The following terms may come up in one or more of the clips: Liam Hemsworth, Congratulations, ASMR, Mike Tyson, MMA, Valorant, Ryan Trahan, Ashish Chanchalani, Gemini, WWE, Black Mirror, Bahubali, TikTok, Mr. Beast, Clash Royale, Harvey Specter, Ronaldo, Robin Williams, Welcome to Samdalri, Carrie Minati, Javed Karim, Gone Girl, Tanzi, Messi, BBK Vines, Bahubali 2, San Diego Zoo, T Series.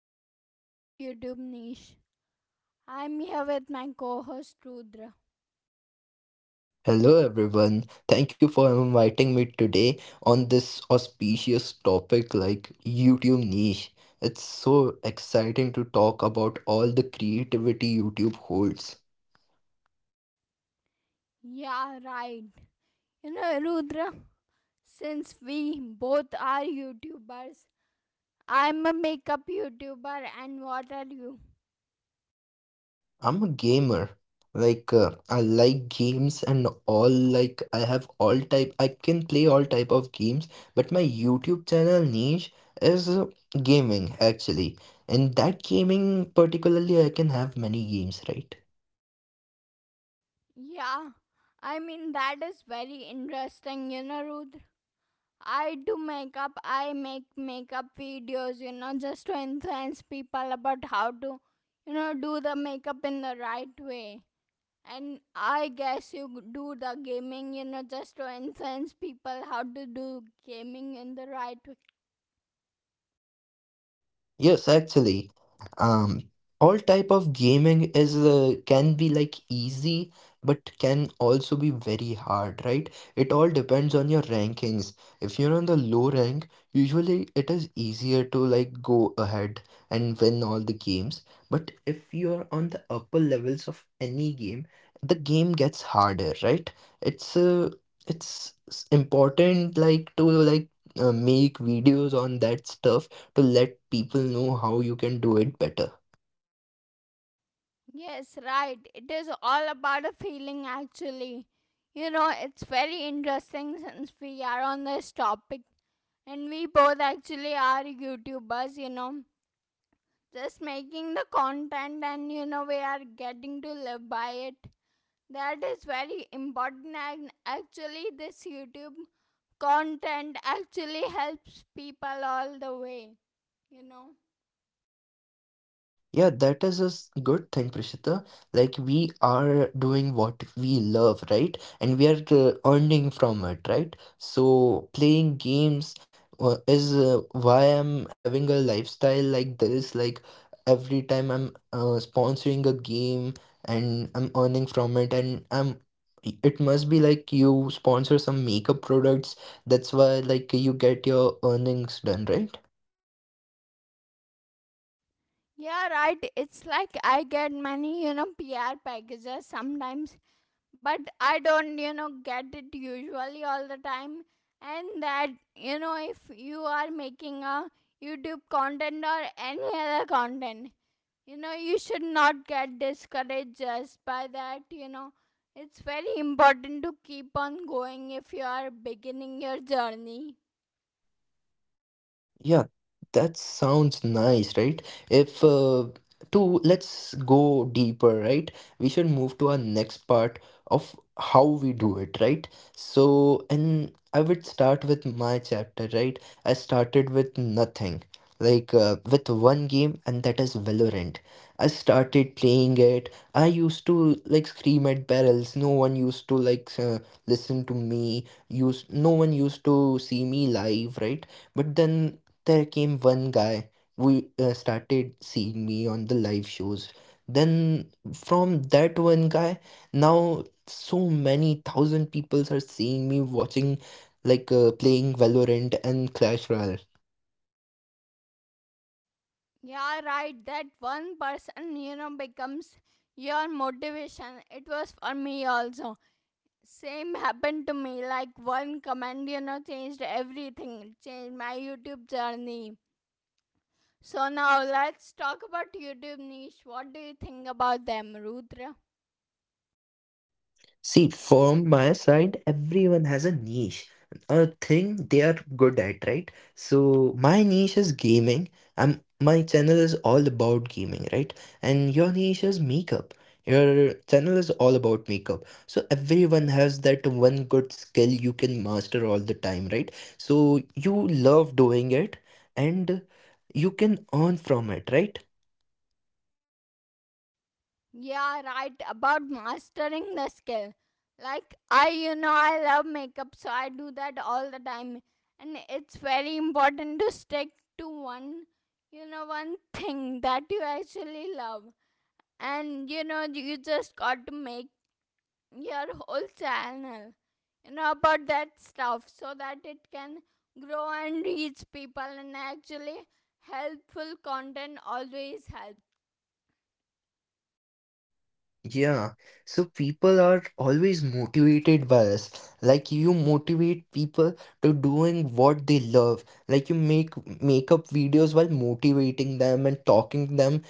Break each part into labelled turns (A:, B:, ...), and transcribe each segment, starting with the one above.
A: discussing about YouTube niche. I'm here with my co-host Rudra.
B: Hello everyone. Thank you for inviting me today on this auspicious topic like YouTube niche. It's so exciting to talk about all the creativity YouTube holds.
A: Yeah, right. Rudra, since we both are YouTubers, I'm a makeup YouTuber, and what are you?
B: I'm a gamer. Like I like games and all, like I have all type, I can play all type of games, but my YouTube channel niche is gaming actually. In that gaming particularly I can have many games, right?
A: Yeah, I mean that is very interesting. You know, Rudra. I do makeup. I make makeup videos, just to influence people about how to, do the makeup in the right way. And I guess you do the gaming, just to influence people how to do gaming in the right way.
B: Yes, actually, um, all type of gaming is can be like easy, but can also be very hard, right? It all depends on your rankings. If you're on the low rank, usually it is easier to like go ahead and win all the games. But if you're on the upper levels of any game, the game gets harder, right? It's uh, it's important like to make videos on that stuff to let people know how you can do it better.
A: Yes, right. It is all about a feeling, actually. It's very interesting since we are on this topic. And we both actually are YouTubers, just making the content. And we are getting to live by it. That is very important. And actually this YouTube content actually helps people all the way you know
B: Yeah, that is a good thing, Prishita. Like, we are doing what we love, right? And we are earning from it, right? So, playing games is why I'm having a lifestyle like this. Like, every time I'm sponsoring a game and I'm earning from it, and I'm it must be like you sponsor some makeup products. That's why, like, you get your earnings done, right?
A: yeah, right. It's like I get many, PR packages sometimes. But I don't, get it usually all the time. And that if you are making a YouTube content or any other content, you should not get discouraged just by that. It's very important to keep on going if you are beginning your journey.
B: Yeah, that sounds nice, right? If to let's go deeper, right? We should move to our next part of how we do it, right? So, and I would start with my chapter, right? I started with nothing, like with one game, and that is Valorant. I started playing it. I used to like scream at barrels. No one used to listen to me. Use No one used to see me live, right? But then there came one guy who started seeing me on the live shows. Then from that one guy, now so many thousand people are seeing me watching, like playing Valorant and Clash Royale.
A: Yeah, right. That one person, becomes your motivation. It was for me also. Same happened to me, like one comment, changed everything. It changed my YouTube journey. So now let's talk about YouTube niche. What do you think about them, Rudra?
B: See, from my side, everyone has a niche, a thing they are good at, right? So my niche is gaming. I'm My channel is all about gaming, right? And your niche is makeup. Your channel is all about makeup. So everyone has that one good skill you can master all the time, right? So you love doing it and you can earn from it, right?
A: Yeah, right. About mastering the skill. Like, I love makeup, so I do that all the time. And it's very important to stick to one thing that you actually love. And, you just got to make your whole channel, about that stuff so that it can grow and reach people. And actually helpful content always helps.
B: Yeah, so people are always motivated by us. Like, you motivate people to doing what they love. Like, you make makeup videos while motivating them and talking them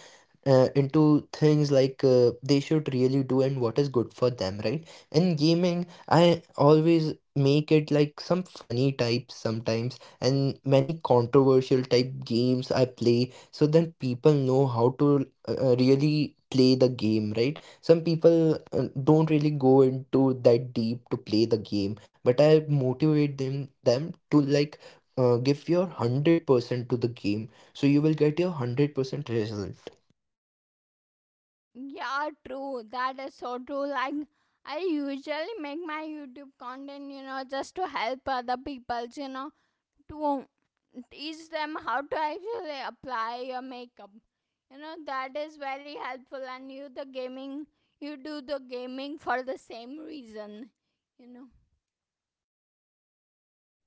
B: into things like they should really do and what is good for them, right? And gaming, I always make it like some funny types sometimes, and many controversial type games I play, so then people know how to really play the game, right? Some people don't really go into that deep to play the game, but I motivate them to give your 100% to the game, so you will get your 100% result.
A: Yeah, true. That is so true. Like, I usually make my YouTube content, just to help other people, to teach them how to actually apply your makeup. That is very helpful. And you, the gaming, you do the gaming for the same reason, you know.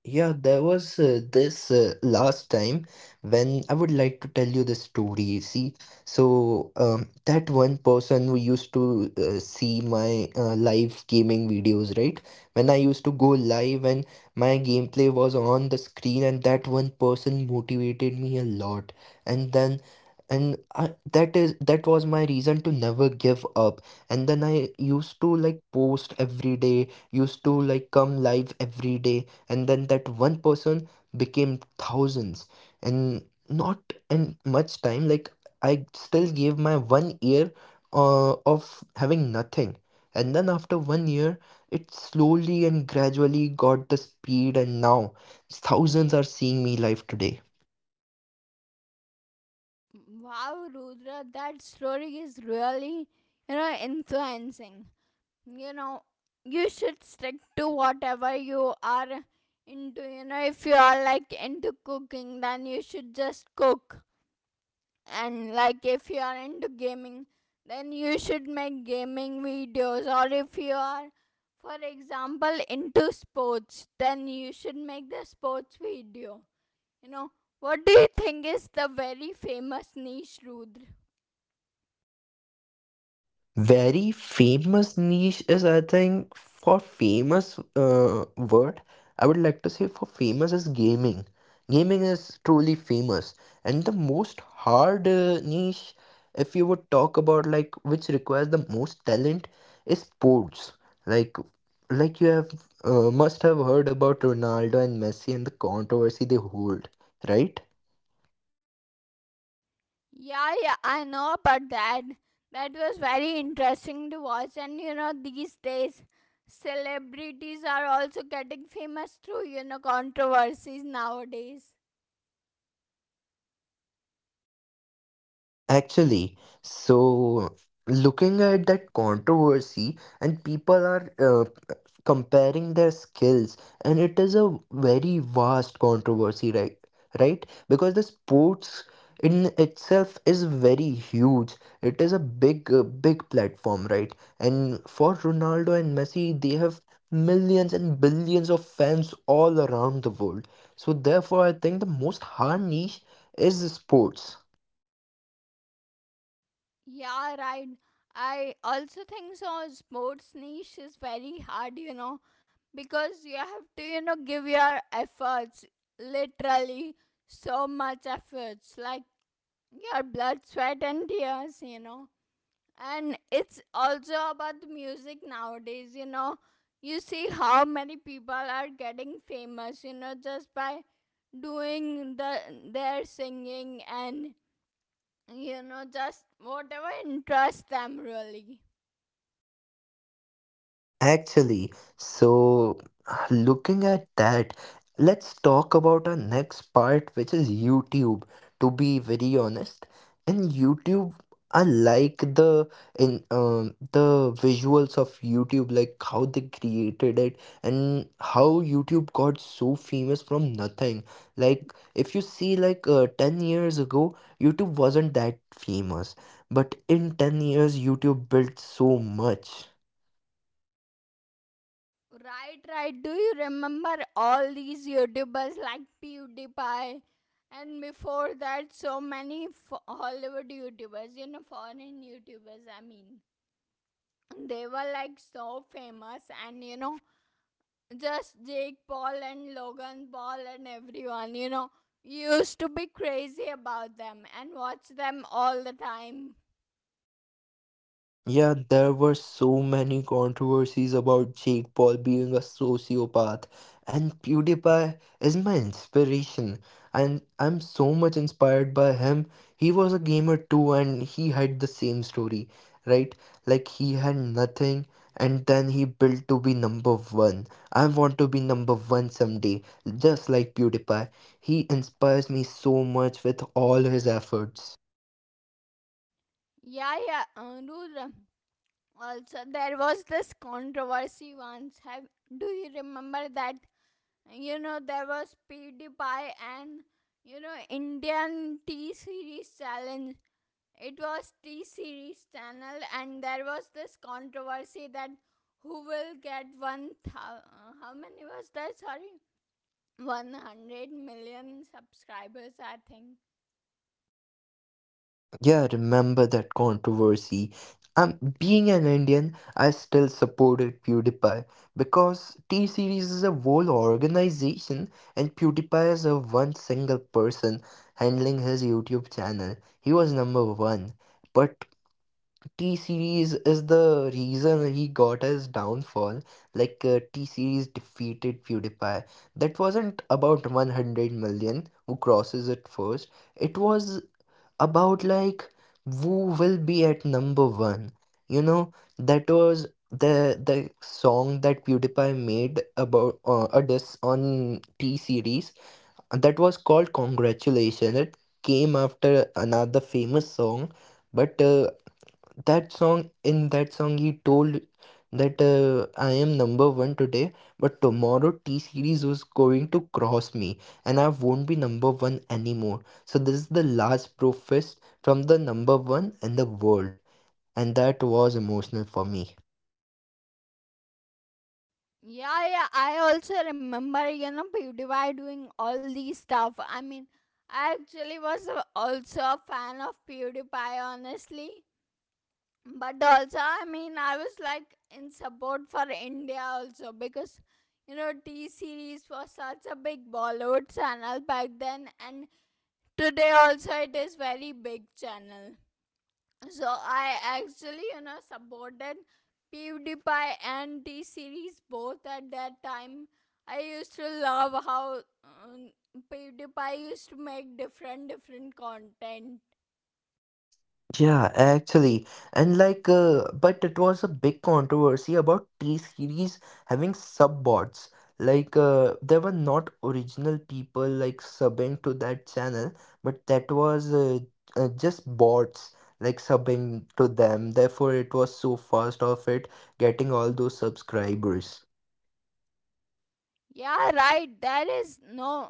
B: Yeah, there was this last time when I would like to tell you the story. See, so that one person who used to see my live gaming videos, right? When I used to go live and my gameplay was on the screen, and that one person motivated me a lot. And then, and I, that is that was my reason to never give up. And then I used to like post every day, used to like come live every day, and then that one person became thousands, and not in much time. Like, I still gave my 1 year of having nothing, and then after 1 year it slowly and gradually got the speed, and now thousands are seeing me live today.
A: Wow, Rudra, that story is really, influencing. you know you should stick to whatever you are into. If you are like into cooking, then you should just cook. And like, if you are into gaming, then you should make gaming videos. Or if you are, for example, into sports, then you should make the sports video you know what do you think is the very famous niche, Rudra?
B: Very famous niche is, I think, for famous word, I would like to say for famous is gaming. Gaming is truly famous. And the most hard niche, if you would talk about like which requires the most talent, is sports. Like, like you have must have heard about Ronaldo and Messi and the controversy they hold, right?
A: Yeah, yeah, I know about that. That was very interesting to watch. And, these days celebrities are also getting famous through controversies nowadays.
B: Actually, so looking at that controversy, and people are comparing their skills, and it is a very vast controversy, right? Right? Because the sports in itself is very huge. It is a big, big platform, right? And for Ronaldo and Messi, they have millions and billions of fans all around the world. So therefore, I think the most hard niche is sports.
A: Yeah, right. I also think so. Sports niche is very hard, because you have to, give your efforts, literally so much efforts, like your blood, sweat, and tears. And it's also about the music nowadays, you know. You see how many people are getting famous, just by doing the their singing, and just whatever interests them really.
B: Actually, so looking at that, let's talk about our next part, which is YouTube. To be very honest, in YouTube, I like the in the visuals of YouTube, like how they created it and how YouTube got so famous from nothing. Like if you see, like 10 years ago, YouTube wasn't that famous, but in 10 years, YouTube built so much.
A: Right, right. Do you remember all these YouTubers like PewDiePie? And before that, so many Hollywood YouTubers, foreign YouTubers, I mean. They were like so famous, and, Just Jake Paul and Logan Paul and everyone, used to be crazy about them and watch them all the time.
B: Yeah, there were so many controversies about Jake Paul being a sociopath, and PewDiePie is my inspiration, and I'm so much inspired by him. He was a gamer too, and he had the same story, right? Like, he had nothing, and then he built to be number one. I want to be number one someday, just like PewDiePie. He inspires me so much with all his efforts.
A: Yeah, yeah, Rudra. Also, there was this controversy once. Have do you remember that? You know, there was PewDiePie and Indian T Series challenge. It was T Series channel, and there was this controversy that who will get 1,000, how many was there? Sorry, 100 million subscribers, I think.
B: Yeah, remember that controversy. Being an Indian, I still supported PewDiePie because T Series is a whole organization and PewDiePie is a one single person handling his YouTube channel. He was number one. But T Series is the reason he got his downfall. Like T Series defeated PewDiePie. That wasn't about 100 million who crosses it first. It was about like who will be at number one. You know, that was the song that PewDiePie made about a diss on T Series that was called Congratulations. It came after another famous song, but that song, in that song, he told that I am number one today, but tomorrow T Series was going to cross me and I won't be number one anymore. So, this is the last protest from the number one in the world, and that was emotional for me.
A: Yeah, yeah, I also remember, PewDiePie doing all these stuff. I mean, I actually was also a fan of PewDiePie, honestly. But also I mean I was like in support for India also, because T Series was such a big Bollywood channel back then, and today also it is very big channel. So I actually, supported PewDiePie and T Series both at that time. I used to love how PewDiePie used to make different different content.
B: Yeah, actually, and like, but it was a big controversy about T-Series having subbots. Like, there were not original people like subbing to that channel, but that was just bots like subbing to them. Therefore, it was so fast of it getting all those subscribers.
A: Yeah, right. There is no,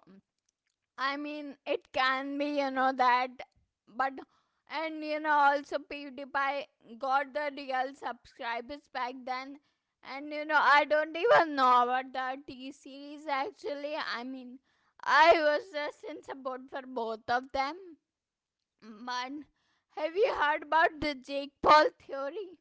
A: I mean, it can be, that, but, and, also PewDiePie got the real subscribers back then. And, I don't even know about the T Series actually. I mean, I was just in support for both of them, but have you heard about the Jake Paul theory?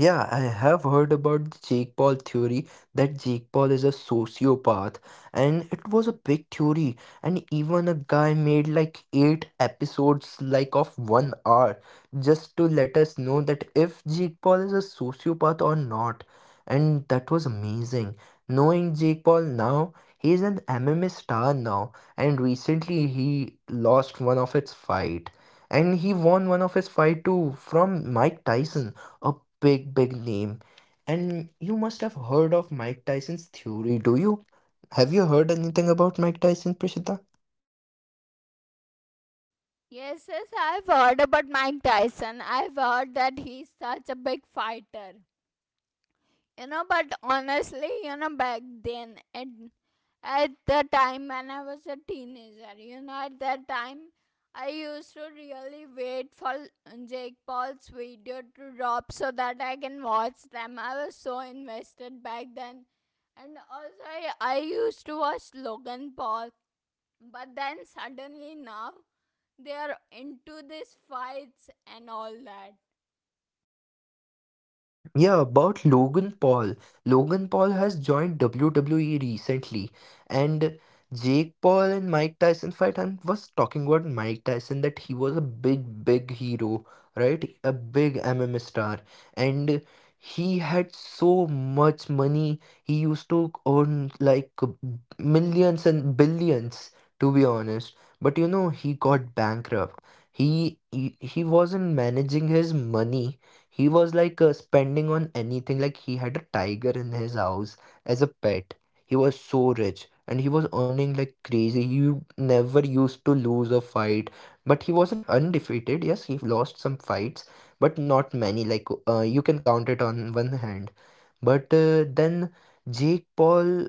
B: Yeah, I have heard about the Jake Paul theory that Jake Paul is a sociopath, and it was a big theory. And even a guy made like eight episodes, like of 1 hour, just to let us know that if Jake Paul is a sociopath or not. And that was amazing. Knowing Jake Paul now, he is an MMA star now, and recently he lost one of its fight, and he won one of his fight too from Mike Tyson, a big, big name. And you must have heard of Mike Tyson's theory, do you? Have you heard anything about Mike Tyson, Prishita?
A: Yes, yes, I've heard about Mike Tyson. I've heard that he's such a big fighter. But honestly, back then, at the time when I was a teenager, at that time I used to really wait for Jake Paul's video to drop so that I can watch them. I was so invested back then. And also, I used to watch Logan Paul, but then suddenly now they are into these fights and all that.
B: Yeah, about Logan Paul. Logan Paul has joined WWE recently, and Jake Paul and Mike Tyson fight. I was talking about Mike Tyson that he was a big, big hero, right? A big MMA star, and he had so much money. He used to earn like millions and billions, to be honest. But you know, he got bankrupt. He wasn't managing his money. He was like spending on anything, like he had a tiger in his house as a pet. He was so rich and he was earning like crazy. He never used to lose a fight, but he wasn't undefeated. Yes, he lost some fights, but not many. Like you can count it on one hand. But then Jake Paul,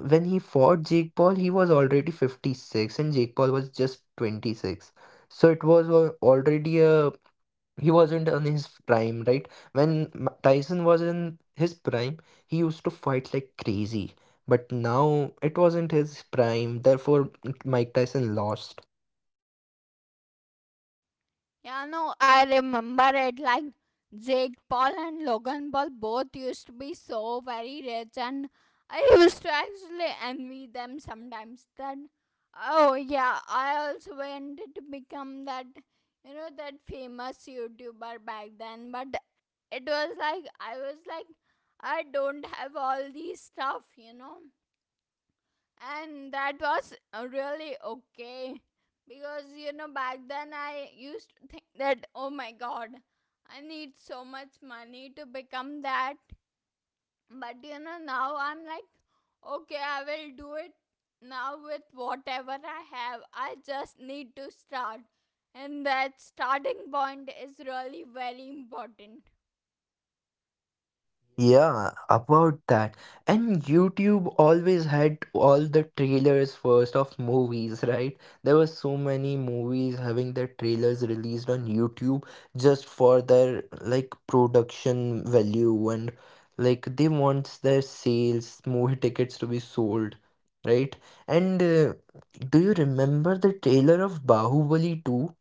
B: when he fought Jake Paul, he was already 56 and Jake Paul was just 26. So it was already a He wasn't in his prime, right? When Tyson was in his prime, he used to fight like crazy. But now it wasn't his prime, therefore Mike Tyson lost.
A: Yeah, no, I remember it. Like, Jake Paul and Logan Paul both used to be so very rich, and I used to actually envy them sometimes. That, oh yeah, I also wanted to become that, that famous YouTuber back then, but it was like, I was like, I don't have all these stuff, and that was really okay. Because back then I used to think that, oh my god, I need so much money to become that. But now I'm like, okay, I will do it now with whatever I have. I just need to start, and that starting point is really very important.
B: Yeah, about that. And YouTube always had all the trailers first of movies, right? There were so many movies having their trailers released on YouTube just for their like production value and like they want their sales, movie tickets to be sold, right? And do you remember the trailer of Bahubali 2?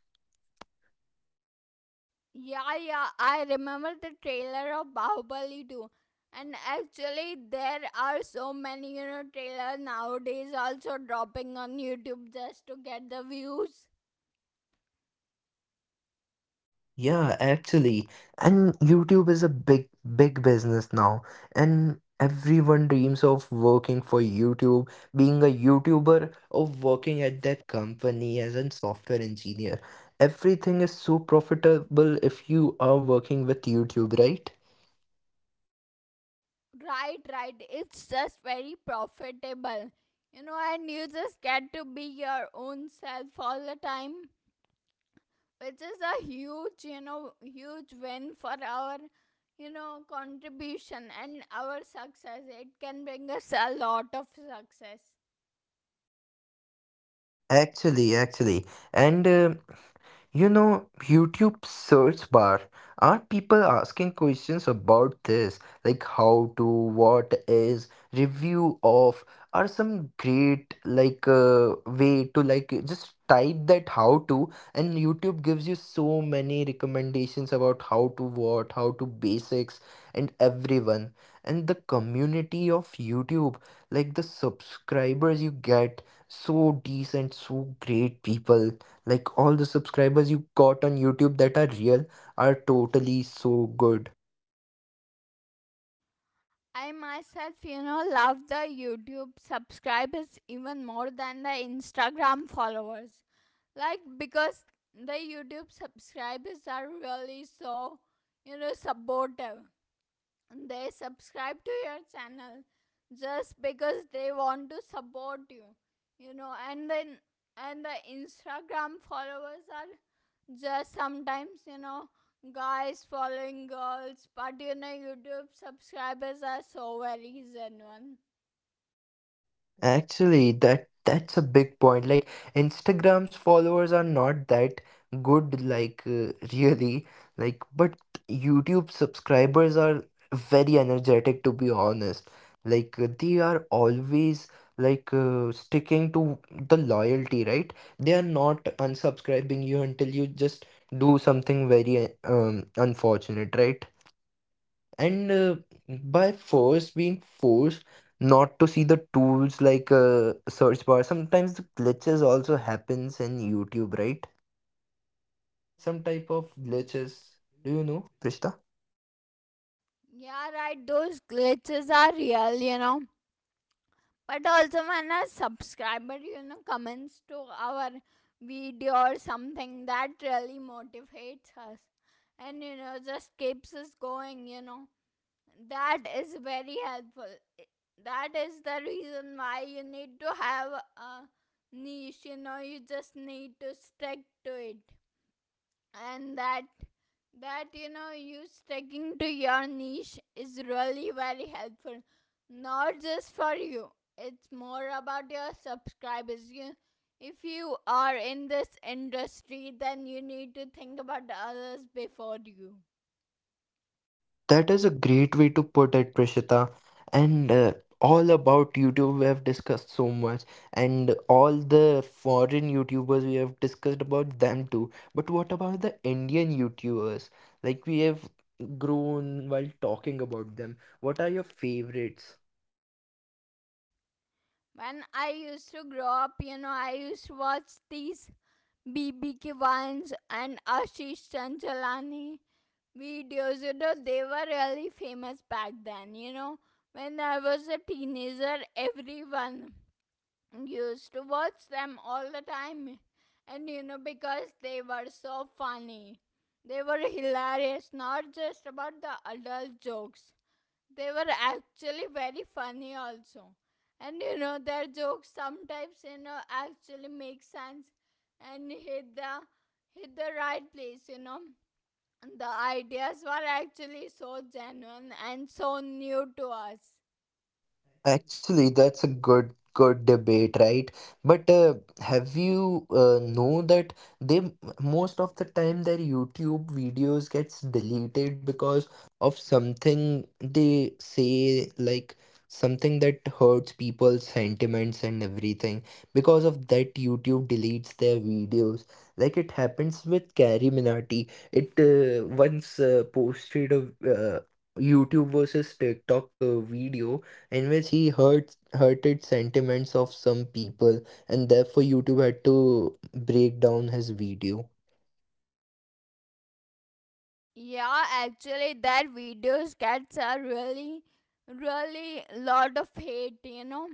A: Yeah, yeah, I remember the trailer of Bahubali too. And actually, there are so many, trailers nowadays also dropping on YouTube just to get the views.
B: Yeah, actually. And YouTube is a big, big business now. And everyone dreams of working for YouTube, being a YouTuber, or working at that company as a software engineer. Everything is so profitable if you are working with YouTube, right?
A: Right, right. It's just very profitable, and you just get to be your own self all the time, which is a huge, huge win for our, contribution and our success. It can bring us a lot of success.
B: Actually, actually. And you know, YouTube search bar. Are people asking questions about this? Like how to, what is, review of, are some great way to like just type that how to, and YouTube gives you so many recommendations about how to what, how to basics and everyone. And the community of YouTube, like the subscribers you get, so decent, so great people, like all the subscribers you got on YouTube that are real are totally so good.
A: I myself, love the YouTube subscribers even more than the Instagram followers. Like, because the YouTube subscribers are really so, supportive. They subscribe to your channel just because they want to support you, you know and then, and the Instagram followers are just sometimes, guys following girls. But YouTube subscribers are so very genuine.
B: Actually, that's a big point. Like Instagram's followers are not that good really, like, but YouTube subscribers are very energetic to be honest. They are always sticking to the loyalty, right? They are not unsubscribing you until you just do something very unfortunate, right? and by force, being forced not to see the tools like search bar, sometimes the glitches also happens in YouTube, right? Some type of glitches. Do you know, Krishna?
A: Yeah, right. Those glitches are real. But also, when a subscriber, comments to our video or something, that really motivates us. And just keeps us going. That is very helpful. That is the reason why you need to have a niche. You just need to stick to it. And that, you sticking to your niche is really very helpful. Not just for you, it's more about your subscribers. You, if you are in this industry, then you need to think about the others before you.
B: That is a great way to put it, Prishita. And all about YouTube, we have discussed so much, and all the foreign YouTubers we have discussed about them too. But what about the Indian YouTubers? Like we have grown while talking about them. What are your favorites?
A: When I used to grow up, I used to watch these BBK Vines and Ashish Chanchalani videos. They were really famous back then. You know, when I was a teenager, everyone used to watch them all the time. And because they were so funny, they were hilarious, not just about the adult jokes, they were actually very funny also. And their jokes sometimes, actually make sense, and hit the right place. The ideas were actually so genuine and so new to us.
B: Actually, that's a good debate, right? But have you know that they m- most of the time their YouTube videos gets deleted because of something they say, like something that hurts people's sentiments and everything. Because of that, YouTube deletes their videos. Like it happens with Carrie Minati. It once posted a uh, YouTube versus TikTok video in which he hurted sentiments of some people, and therefore YouTube had to break down his video.
A: Yeah, actually, that video sketches are really, really lot of hate.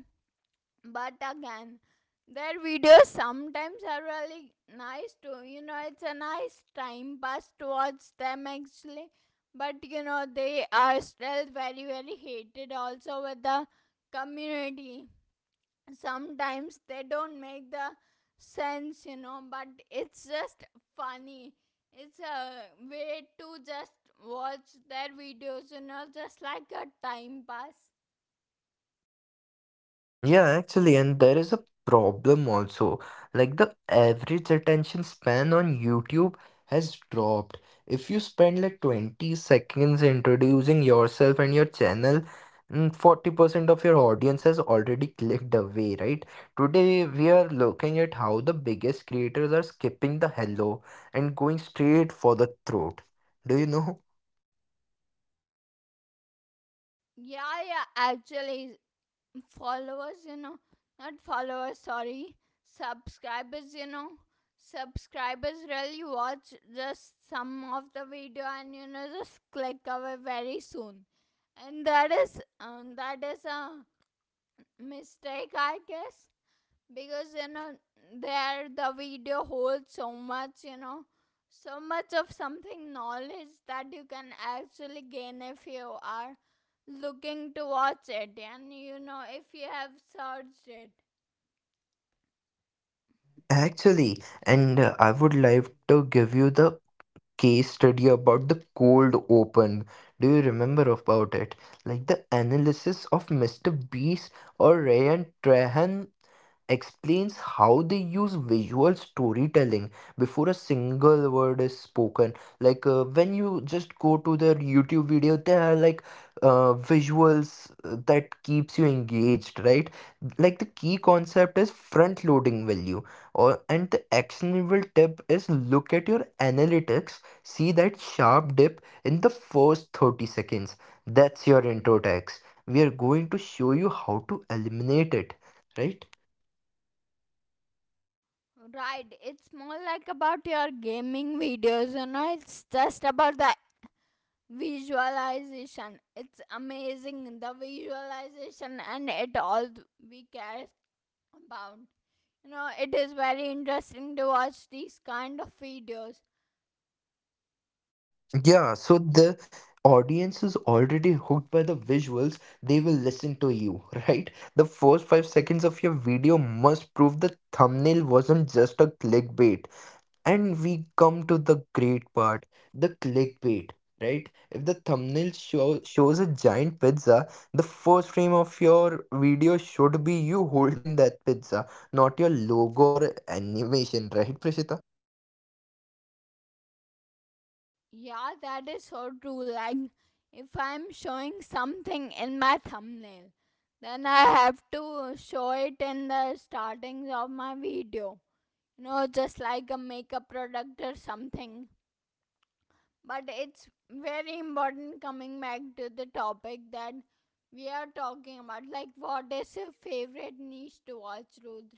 A: But again, their videos sometimes are really nice too. You know, it's a nice time pass to watch them actually. But they are still very, very hated also with the community. Sometimes they don't make the sense, but it's just funny. It's a way to just watch their videos, just like a time pass.
B: Yeah, actually, and there is a problem also. Like the average attention span on YouTube has dropped. If you spend like 20 seconds introducing yourself and your channel, 40% of your audience has already clicked away, right? Today, we are looking at how the biggest creators are skipping the hello and going straight for the throat. Do you know?
A: Yeah, yeah, actually, followers, not followers, sorry, subscribers, subscribers really watch just some of the video, and just click away very soon. And that is a mistake I guess. Because there the video holds so much, so much of something knowledge that you can actually gain if you are looking to watch it, and if you have searched it.
B: Actually, and I would like to give you the case study about the cold open. Do you remember about it? Like the analysis of Mr. Beast or Ryan Trahan explains how they use visual storytelling before a single word is spoken. When you just go to their YouTube video, there are visuals that keeps you engaged, right? Like the key concept is front loading value, or, and the actionable tip is, look at your analytics, see that sharp dip in the first 30 seconds. That's your intro tax. We are going to show you how to eliminate it, right?
A: Right, it's more like about your gaming videos, it's just about the visualization. It's amazing, the visualization, and it all we care about. It is very interesting to watch these kind of videos.
B: Yeah, so the audience is already hooked by the visuals. They will listen to you, right? The first 5 seconds of your video must prove the thumbnail wasn't just a clickbait. And we come to the great part, the clickbait, right? If the shows a giant pizza, the first frame of your video should be you holding that pizza, not your logo or animation, right.
A: Yeah, that is so true. Like, if I'm showing something in my thumbnail, then I have to show it in the startings of my video. You know, just like a makeup product or something. But it's very important coming back to the topic that we are talking about. Like, what is your favorite niche to watch, Rudra?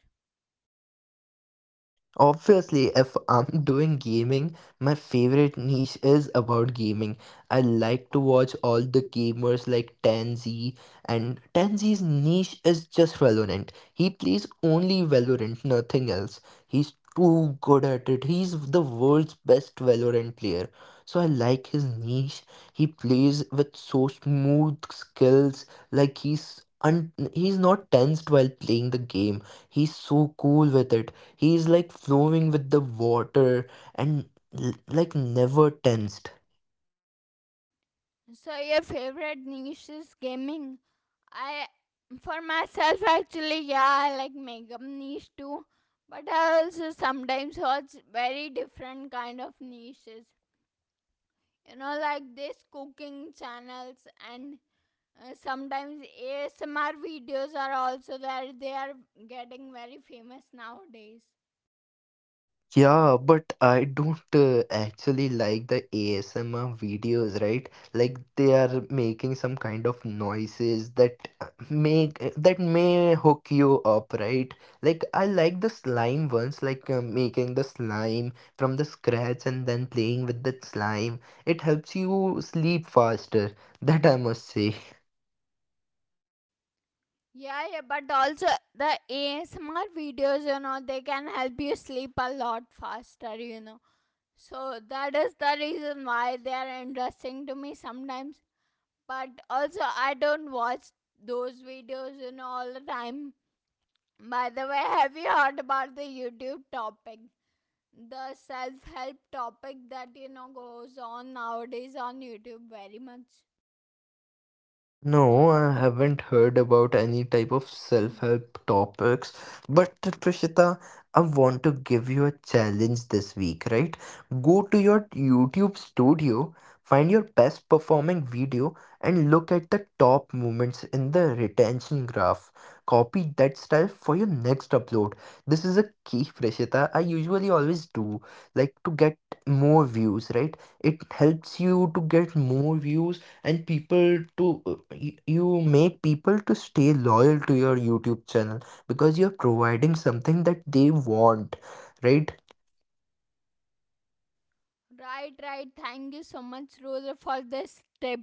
B: Obviously, if I'm doing gaming, my favorite niche is about gaming. I like to watch all the gamers like Tanzi, and Tanzi's niche is just Valorant. He plays only Valorant, nothing else. He's too good at it. He's the world's best Valorant player. So I like his niche. He plays with so smooth skills, like he's not tensed while playing the game. He's so cool with it. He's like flowing with the water, and like never tensed.
A: So your favorite niche is gaming. I for myself actually, yeah, I like makeup niche too. But I also sometimes watch very different kind of niches. You know, like this cooking channels and sometimes ASMR videos are also there. They are getting very famous nowadays.
B: Yeah, but I don't actually like the ASMR videos, right? Like they are making some kind of noises that make that may hook you up, right? Like I like the slime ones, making the slime from the scratch and then playing with the slime. It helps you sleep faster. That I must say.
A: Yeah, yeah, but also the ASMR videos, you know, they can help you sleep a lot faster, you know. So that is the reason why they are interesting to me sometimes. But also, I don't watch those videos, you know, all the time. By the way, have you heard about the YouTube topic? The self help topic that, you know, goes on nowadays on YouTube very much.
B: No, I haven't heard about any type of self-help topics, but Prishita, I want to give you a challenge this week, right? Go to your YouTube studio, find your best performing video, and look at the top moments in the retention graph. Copy that style for your next upload. This is a key, Prishita. I usually always do, like, to get more views, right? It helps you to get more views and people to you make people to stay loyal to your YouTube channel because you're providing something that they want, right?
A: Right, right. Thank you so much, Rudra, for this tip.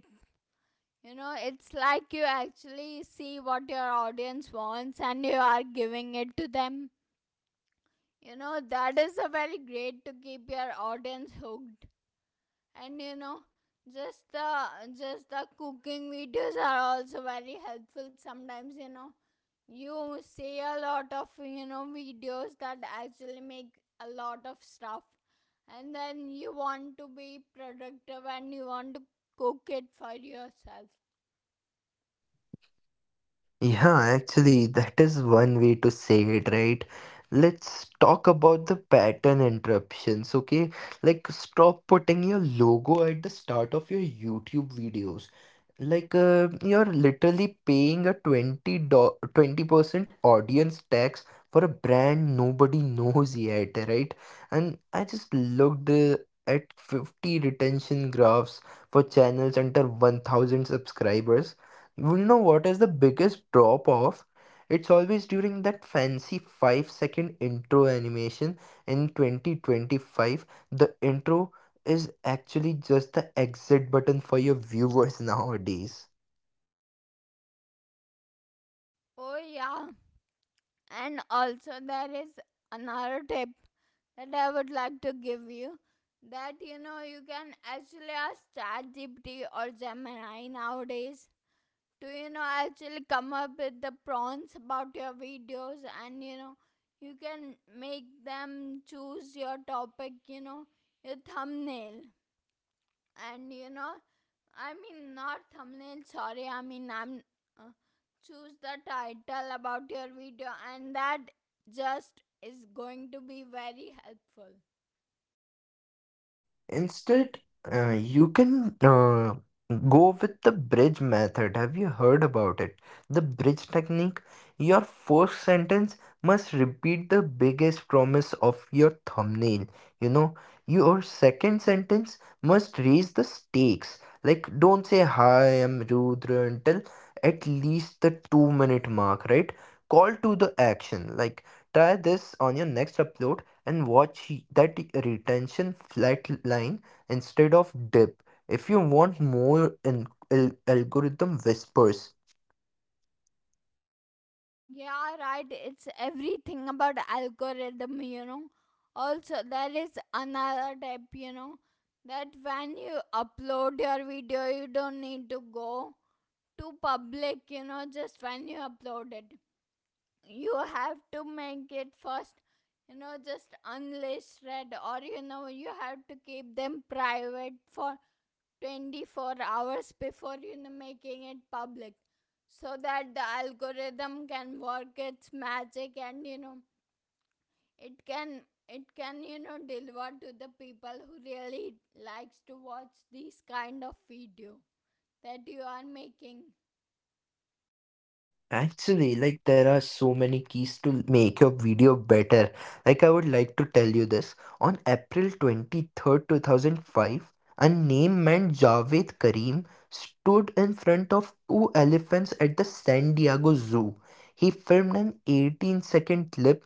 A: You know, it's like you actually see what your audience wants and you are giving it to them. You know, that is a very great to keep your audience hooked. And you know, just the just the cooking videos are also very helpful sometimes, you know. You see a lot of, you know, videos that actually make a lot of stuff. And then you want to be productive and you want to cook it for yourself.
B: Yeah, actually, that is one way to say it, right? Let's talk about the pattern interruptions, okay? Like, stop putting your logo at the start of your YouTube videos. Like, you're literally paying a 20% audience tax for a brand nobody knows yet, right? And I just looked at 50 retention graphs for channels under 1,000 subscribers. Well, you know what is the biggest drop off? It's always during that fancy 5-second intro animation in 2025. The intro is actually just the exit button for your viewers nowadays.
A: Oh yeah. And also there is another tip that I would like to give you that, you know, you can actually ask ChatGPT or Gemini nowadays to, you know, actually come up with the prompts about your videos. And you know, you can make them choose your topic, you know, your thumbnail, and you know, I mean not thumbnail, sorry, I mean I'm uh, choose the title about your video, and that just is going to be very helpful.
B: Instead, you can go with the bridge method. Have you heard about it? The bridge technique. Your first sentence must repeat the biggest promise of your thumbnail. You know, your second sentence must raise the stakes. Like, don't say, "Hi, I'm Rudra," until at least the 2 minute mark, right? Call to the action. Like, try this on your next upload and watch that retention flat line instead of dip. If you want more, in algorithm whispers.
A: Yeah, right. It's everything about algorithm, you know. Also, there is another tip, you know, that when you upload your video, you don't need to go to public, you know. Just when you upload it, you have to make it first, you know, just unlisted, or you know, you have to keep them private for 24 hours before you know making it public, so that the algorithm can work its magic. And you know, it can it can you know deliver to the people who really likes to watch these kind of video that you are making.
B: Actually, like there are so many keys to make your video better. Like I would like to tell you this. On April 23rd, 2005, a name man Javed Karim stood in front of two elephants at the San Diego Zoo. He filmed an 18-second clip.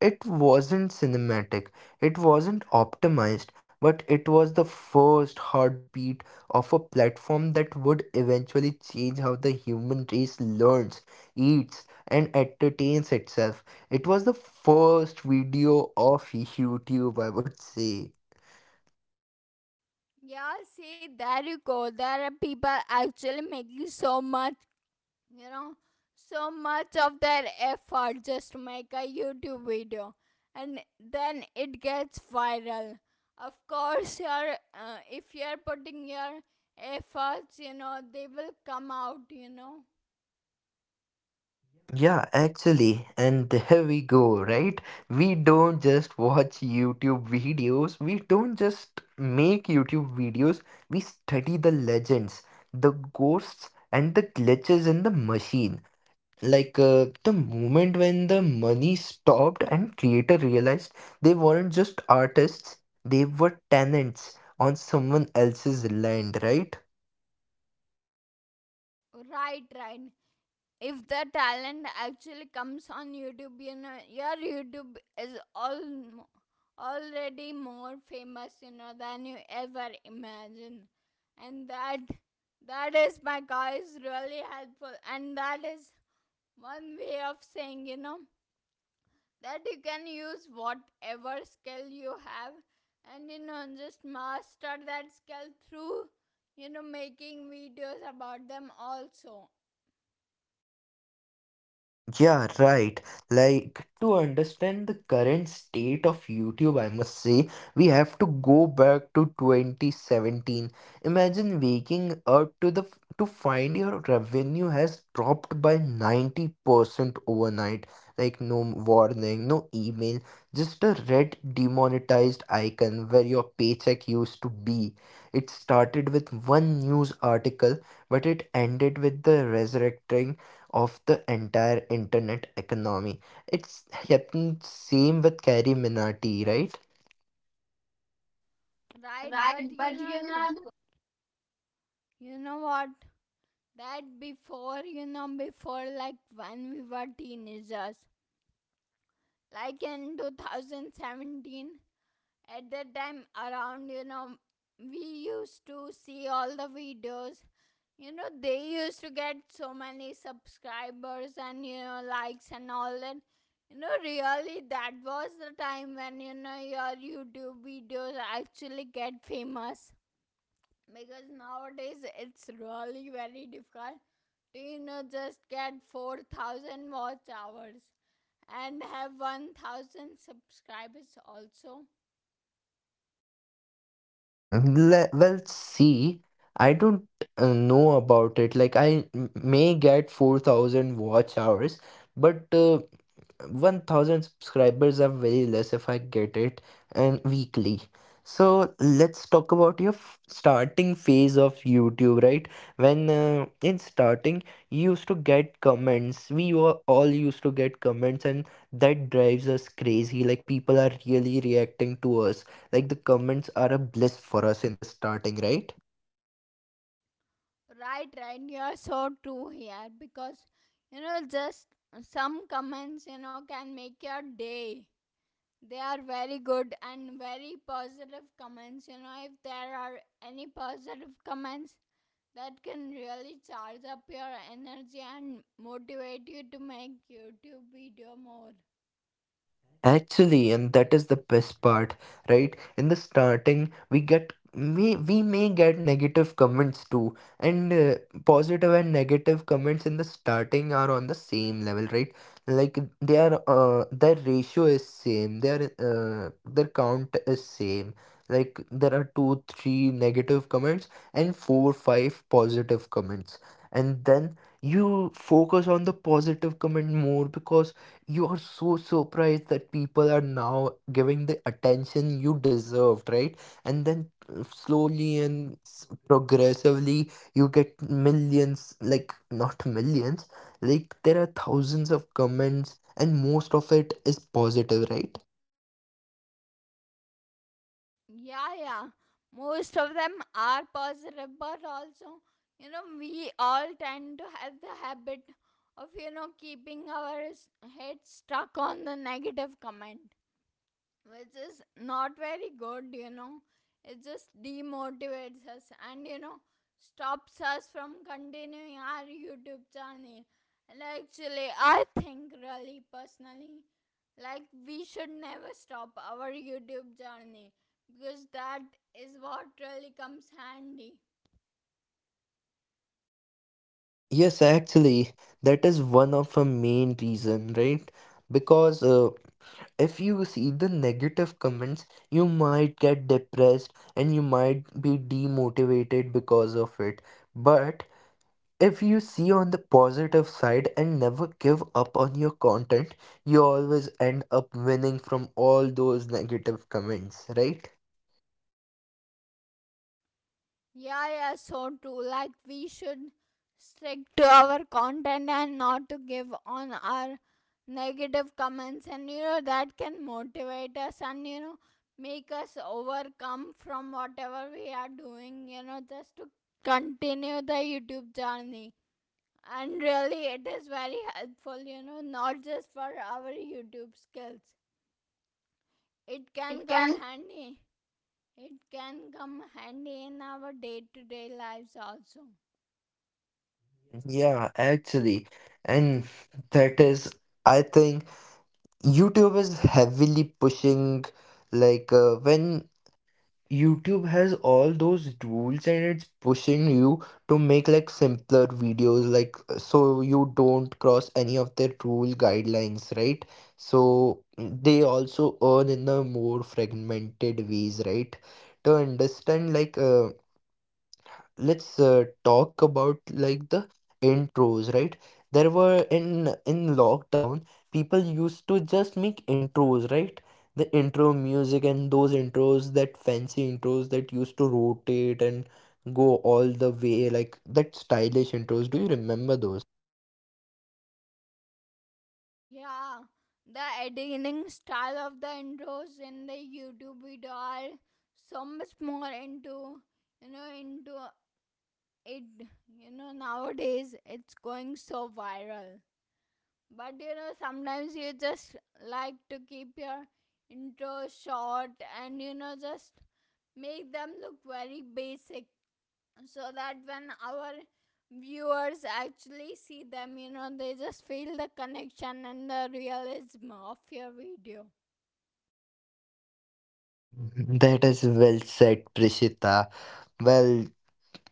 B: It wasn't cinematic. It wasn't optimized, but it was the first heartbeat of a platform that would eventually change how the human race learns, eats and entertains itself. It was the first video of YouTube, I would say.
A: Yeah, see, there you go. There are people actually making so much, you know, so much of their effort just to make a YouTube video, and then it gets viral. Of course, you're if you're putting your efforts, you know, they will come out, you know.
B: Yeah, actually, and there we go, right? We don't just watch YouTube videos, we don't just make YouTube videos, we study the legends, the ghosts, and the glitches in the machine. The moment when the money stopped and creator realized they weren't just artists, they were tenants on someone else's land, right?
A: Right, right, if the talent actually comes on YouTube, you know, your YouTube is all already more famous, you know, than you ever imagine. And that is my guys really helpful, and that is one way of saying, you know, that you can use whatever skill you have, and you know, just master that skill through, you know, making videos about them also.
B: Yeah, right. Like, to understand the current state of YouTube, I must say, we have to go back to 2017. Imagine waking up to the to find your revenue has dropped by 90% overnight. Like no warning, no email, just a red demonetized icon where your paycheck used to be. It started with one news article, but it ended with the resurrecting of the entire internet economy. It's happened same with Carrie Minati, right?
A: Right,
B: Right,
A: but you
B: but you
A: know.
B: know.
A: You know what? That before, you know, before like when we were teenagers, like in 2017, at that time around, you know, we used to see all the videos. You know, they used to get so many subscribers and, you know, likes and all that. You know, really, that was the time when, you know, your YouTube videos actually get famous. Because nowadays it's really very difficult Tino just get 4,000 watch hours and have 1,000 subscribers also.
B: Le well, see, I don't know about it. Like, I may get 4,000 watch hours, but 1,000 subscribers are very less if I get it and weekly. So, let's talk about your f starting phase of YouTube, right? When in starting, you used to get comments. We were all used to get comments, and that drives us crazy. Like, people are really reacting to us, like the comments are a bliss for us in the starting, right?
A: Right, right, you are so true here, because you know, just some comments, you know, can make your day. They are very good and very positive comments. You know, if there are any positive comments that can really charge up your energy and motivate you to make YouTube video more.
B: Actually, and that is the best part, right? In the starting, we may get negative comments too, and positive and negative comments in the starting are on the same level, right? Like they are, their ratio is same, their count is same. Like there are two, three negative comments and four, five positive comments, and then you focus on the positive comment more because you are so surprised that people are now giving the attention you deserved, right? And then progressively, you get millions, like, not millions, like, there are thousands of comments, and most of it is positive, right?
A: Yeah, yeah. Most of them are positive, but also, you know, we all tend to have the habit of, you know, keeping our head stuck on the negative comment, which is not very good, you know. It just demotivates us and you know stops us from continuing our YouTube channel. And actually, I think really personally, like we should never stop our YouTube journey because that is what really comes handy.
B: Yes, actually, that is one of the main reason, right? Because if you see the negative comments, you might get depressed and you might be demotivated because of it. But if you see on the positive side and never give up on your content, you always end up winning from all those negative comments, right?
A: Yeah, yeah, so true. Like, we should stick to our content and not to give on our negative comments, and you know, that can motivate us and you know, make us overcome from whatever we are doing, you know, just to continue the YouTube journey. And really, it is very helpful, you know, not just for our YouTube skills, it
B: It
A: can come
B: can.
A: handy. It can come handy in our day to day lives also.
B: Yeah, actually. And that is, I think, YouTube is heavily pushing when YouTube has all those tools, and it's pushing you to make like simpler videos, like, so you don't cross any of their rule guidelines, right? So they also earn in the more fragmented ways, right? To understand let's talk about like the intros, right? There were in lockdown, people used to just make intros, right? The intro music and those intros, that fancy intros that used to rotate and go all the way, like that stylish intros, do you remember those?
A: Yeah, the editing style of the intros in the YouTube video are so much more into, you know, into it, you know, nowadays it's going so viral. But you know sometimes you just like to keep your intro short and you know just make them look very basic, so that when our viewers actually see them, you know, they just feel the connection and the realism of your video.
B: That is well said, Prishita. Well,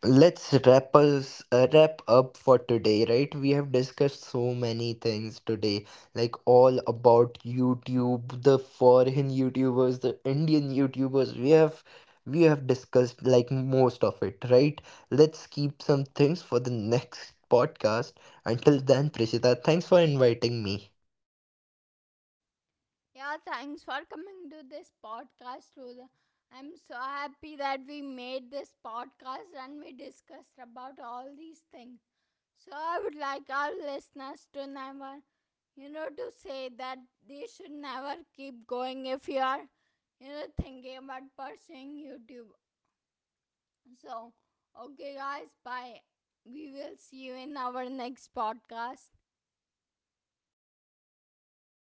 B: let's wrap up for today, right? We have discussed so many things today, like all about YouTube, the foreign YouTubers, the Indian YouTubers. We have discussed like most of it, right? Let's keep some things for the next podcast. Until then, Prishita, thanks for inviting me.
A: Yeah, thanks for coming to this podcast, Ruda. I'm so happy that we made this podcast and we discussed about all these things. So I would like our listeners to never, you know, to say that they should never keep going if you are, you know, thinking about pursuing YouTube. So, okay, guys, bye. We will see you in our next podcast.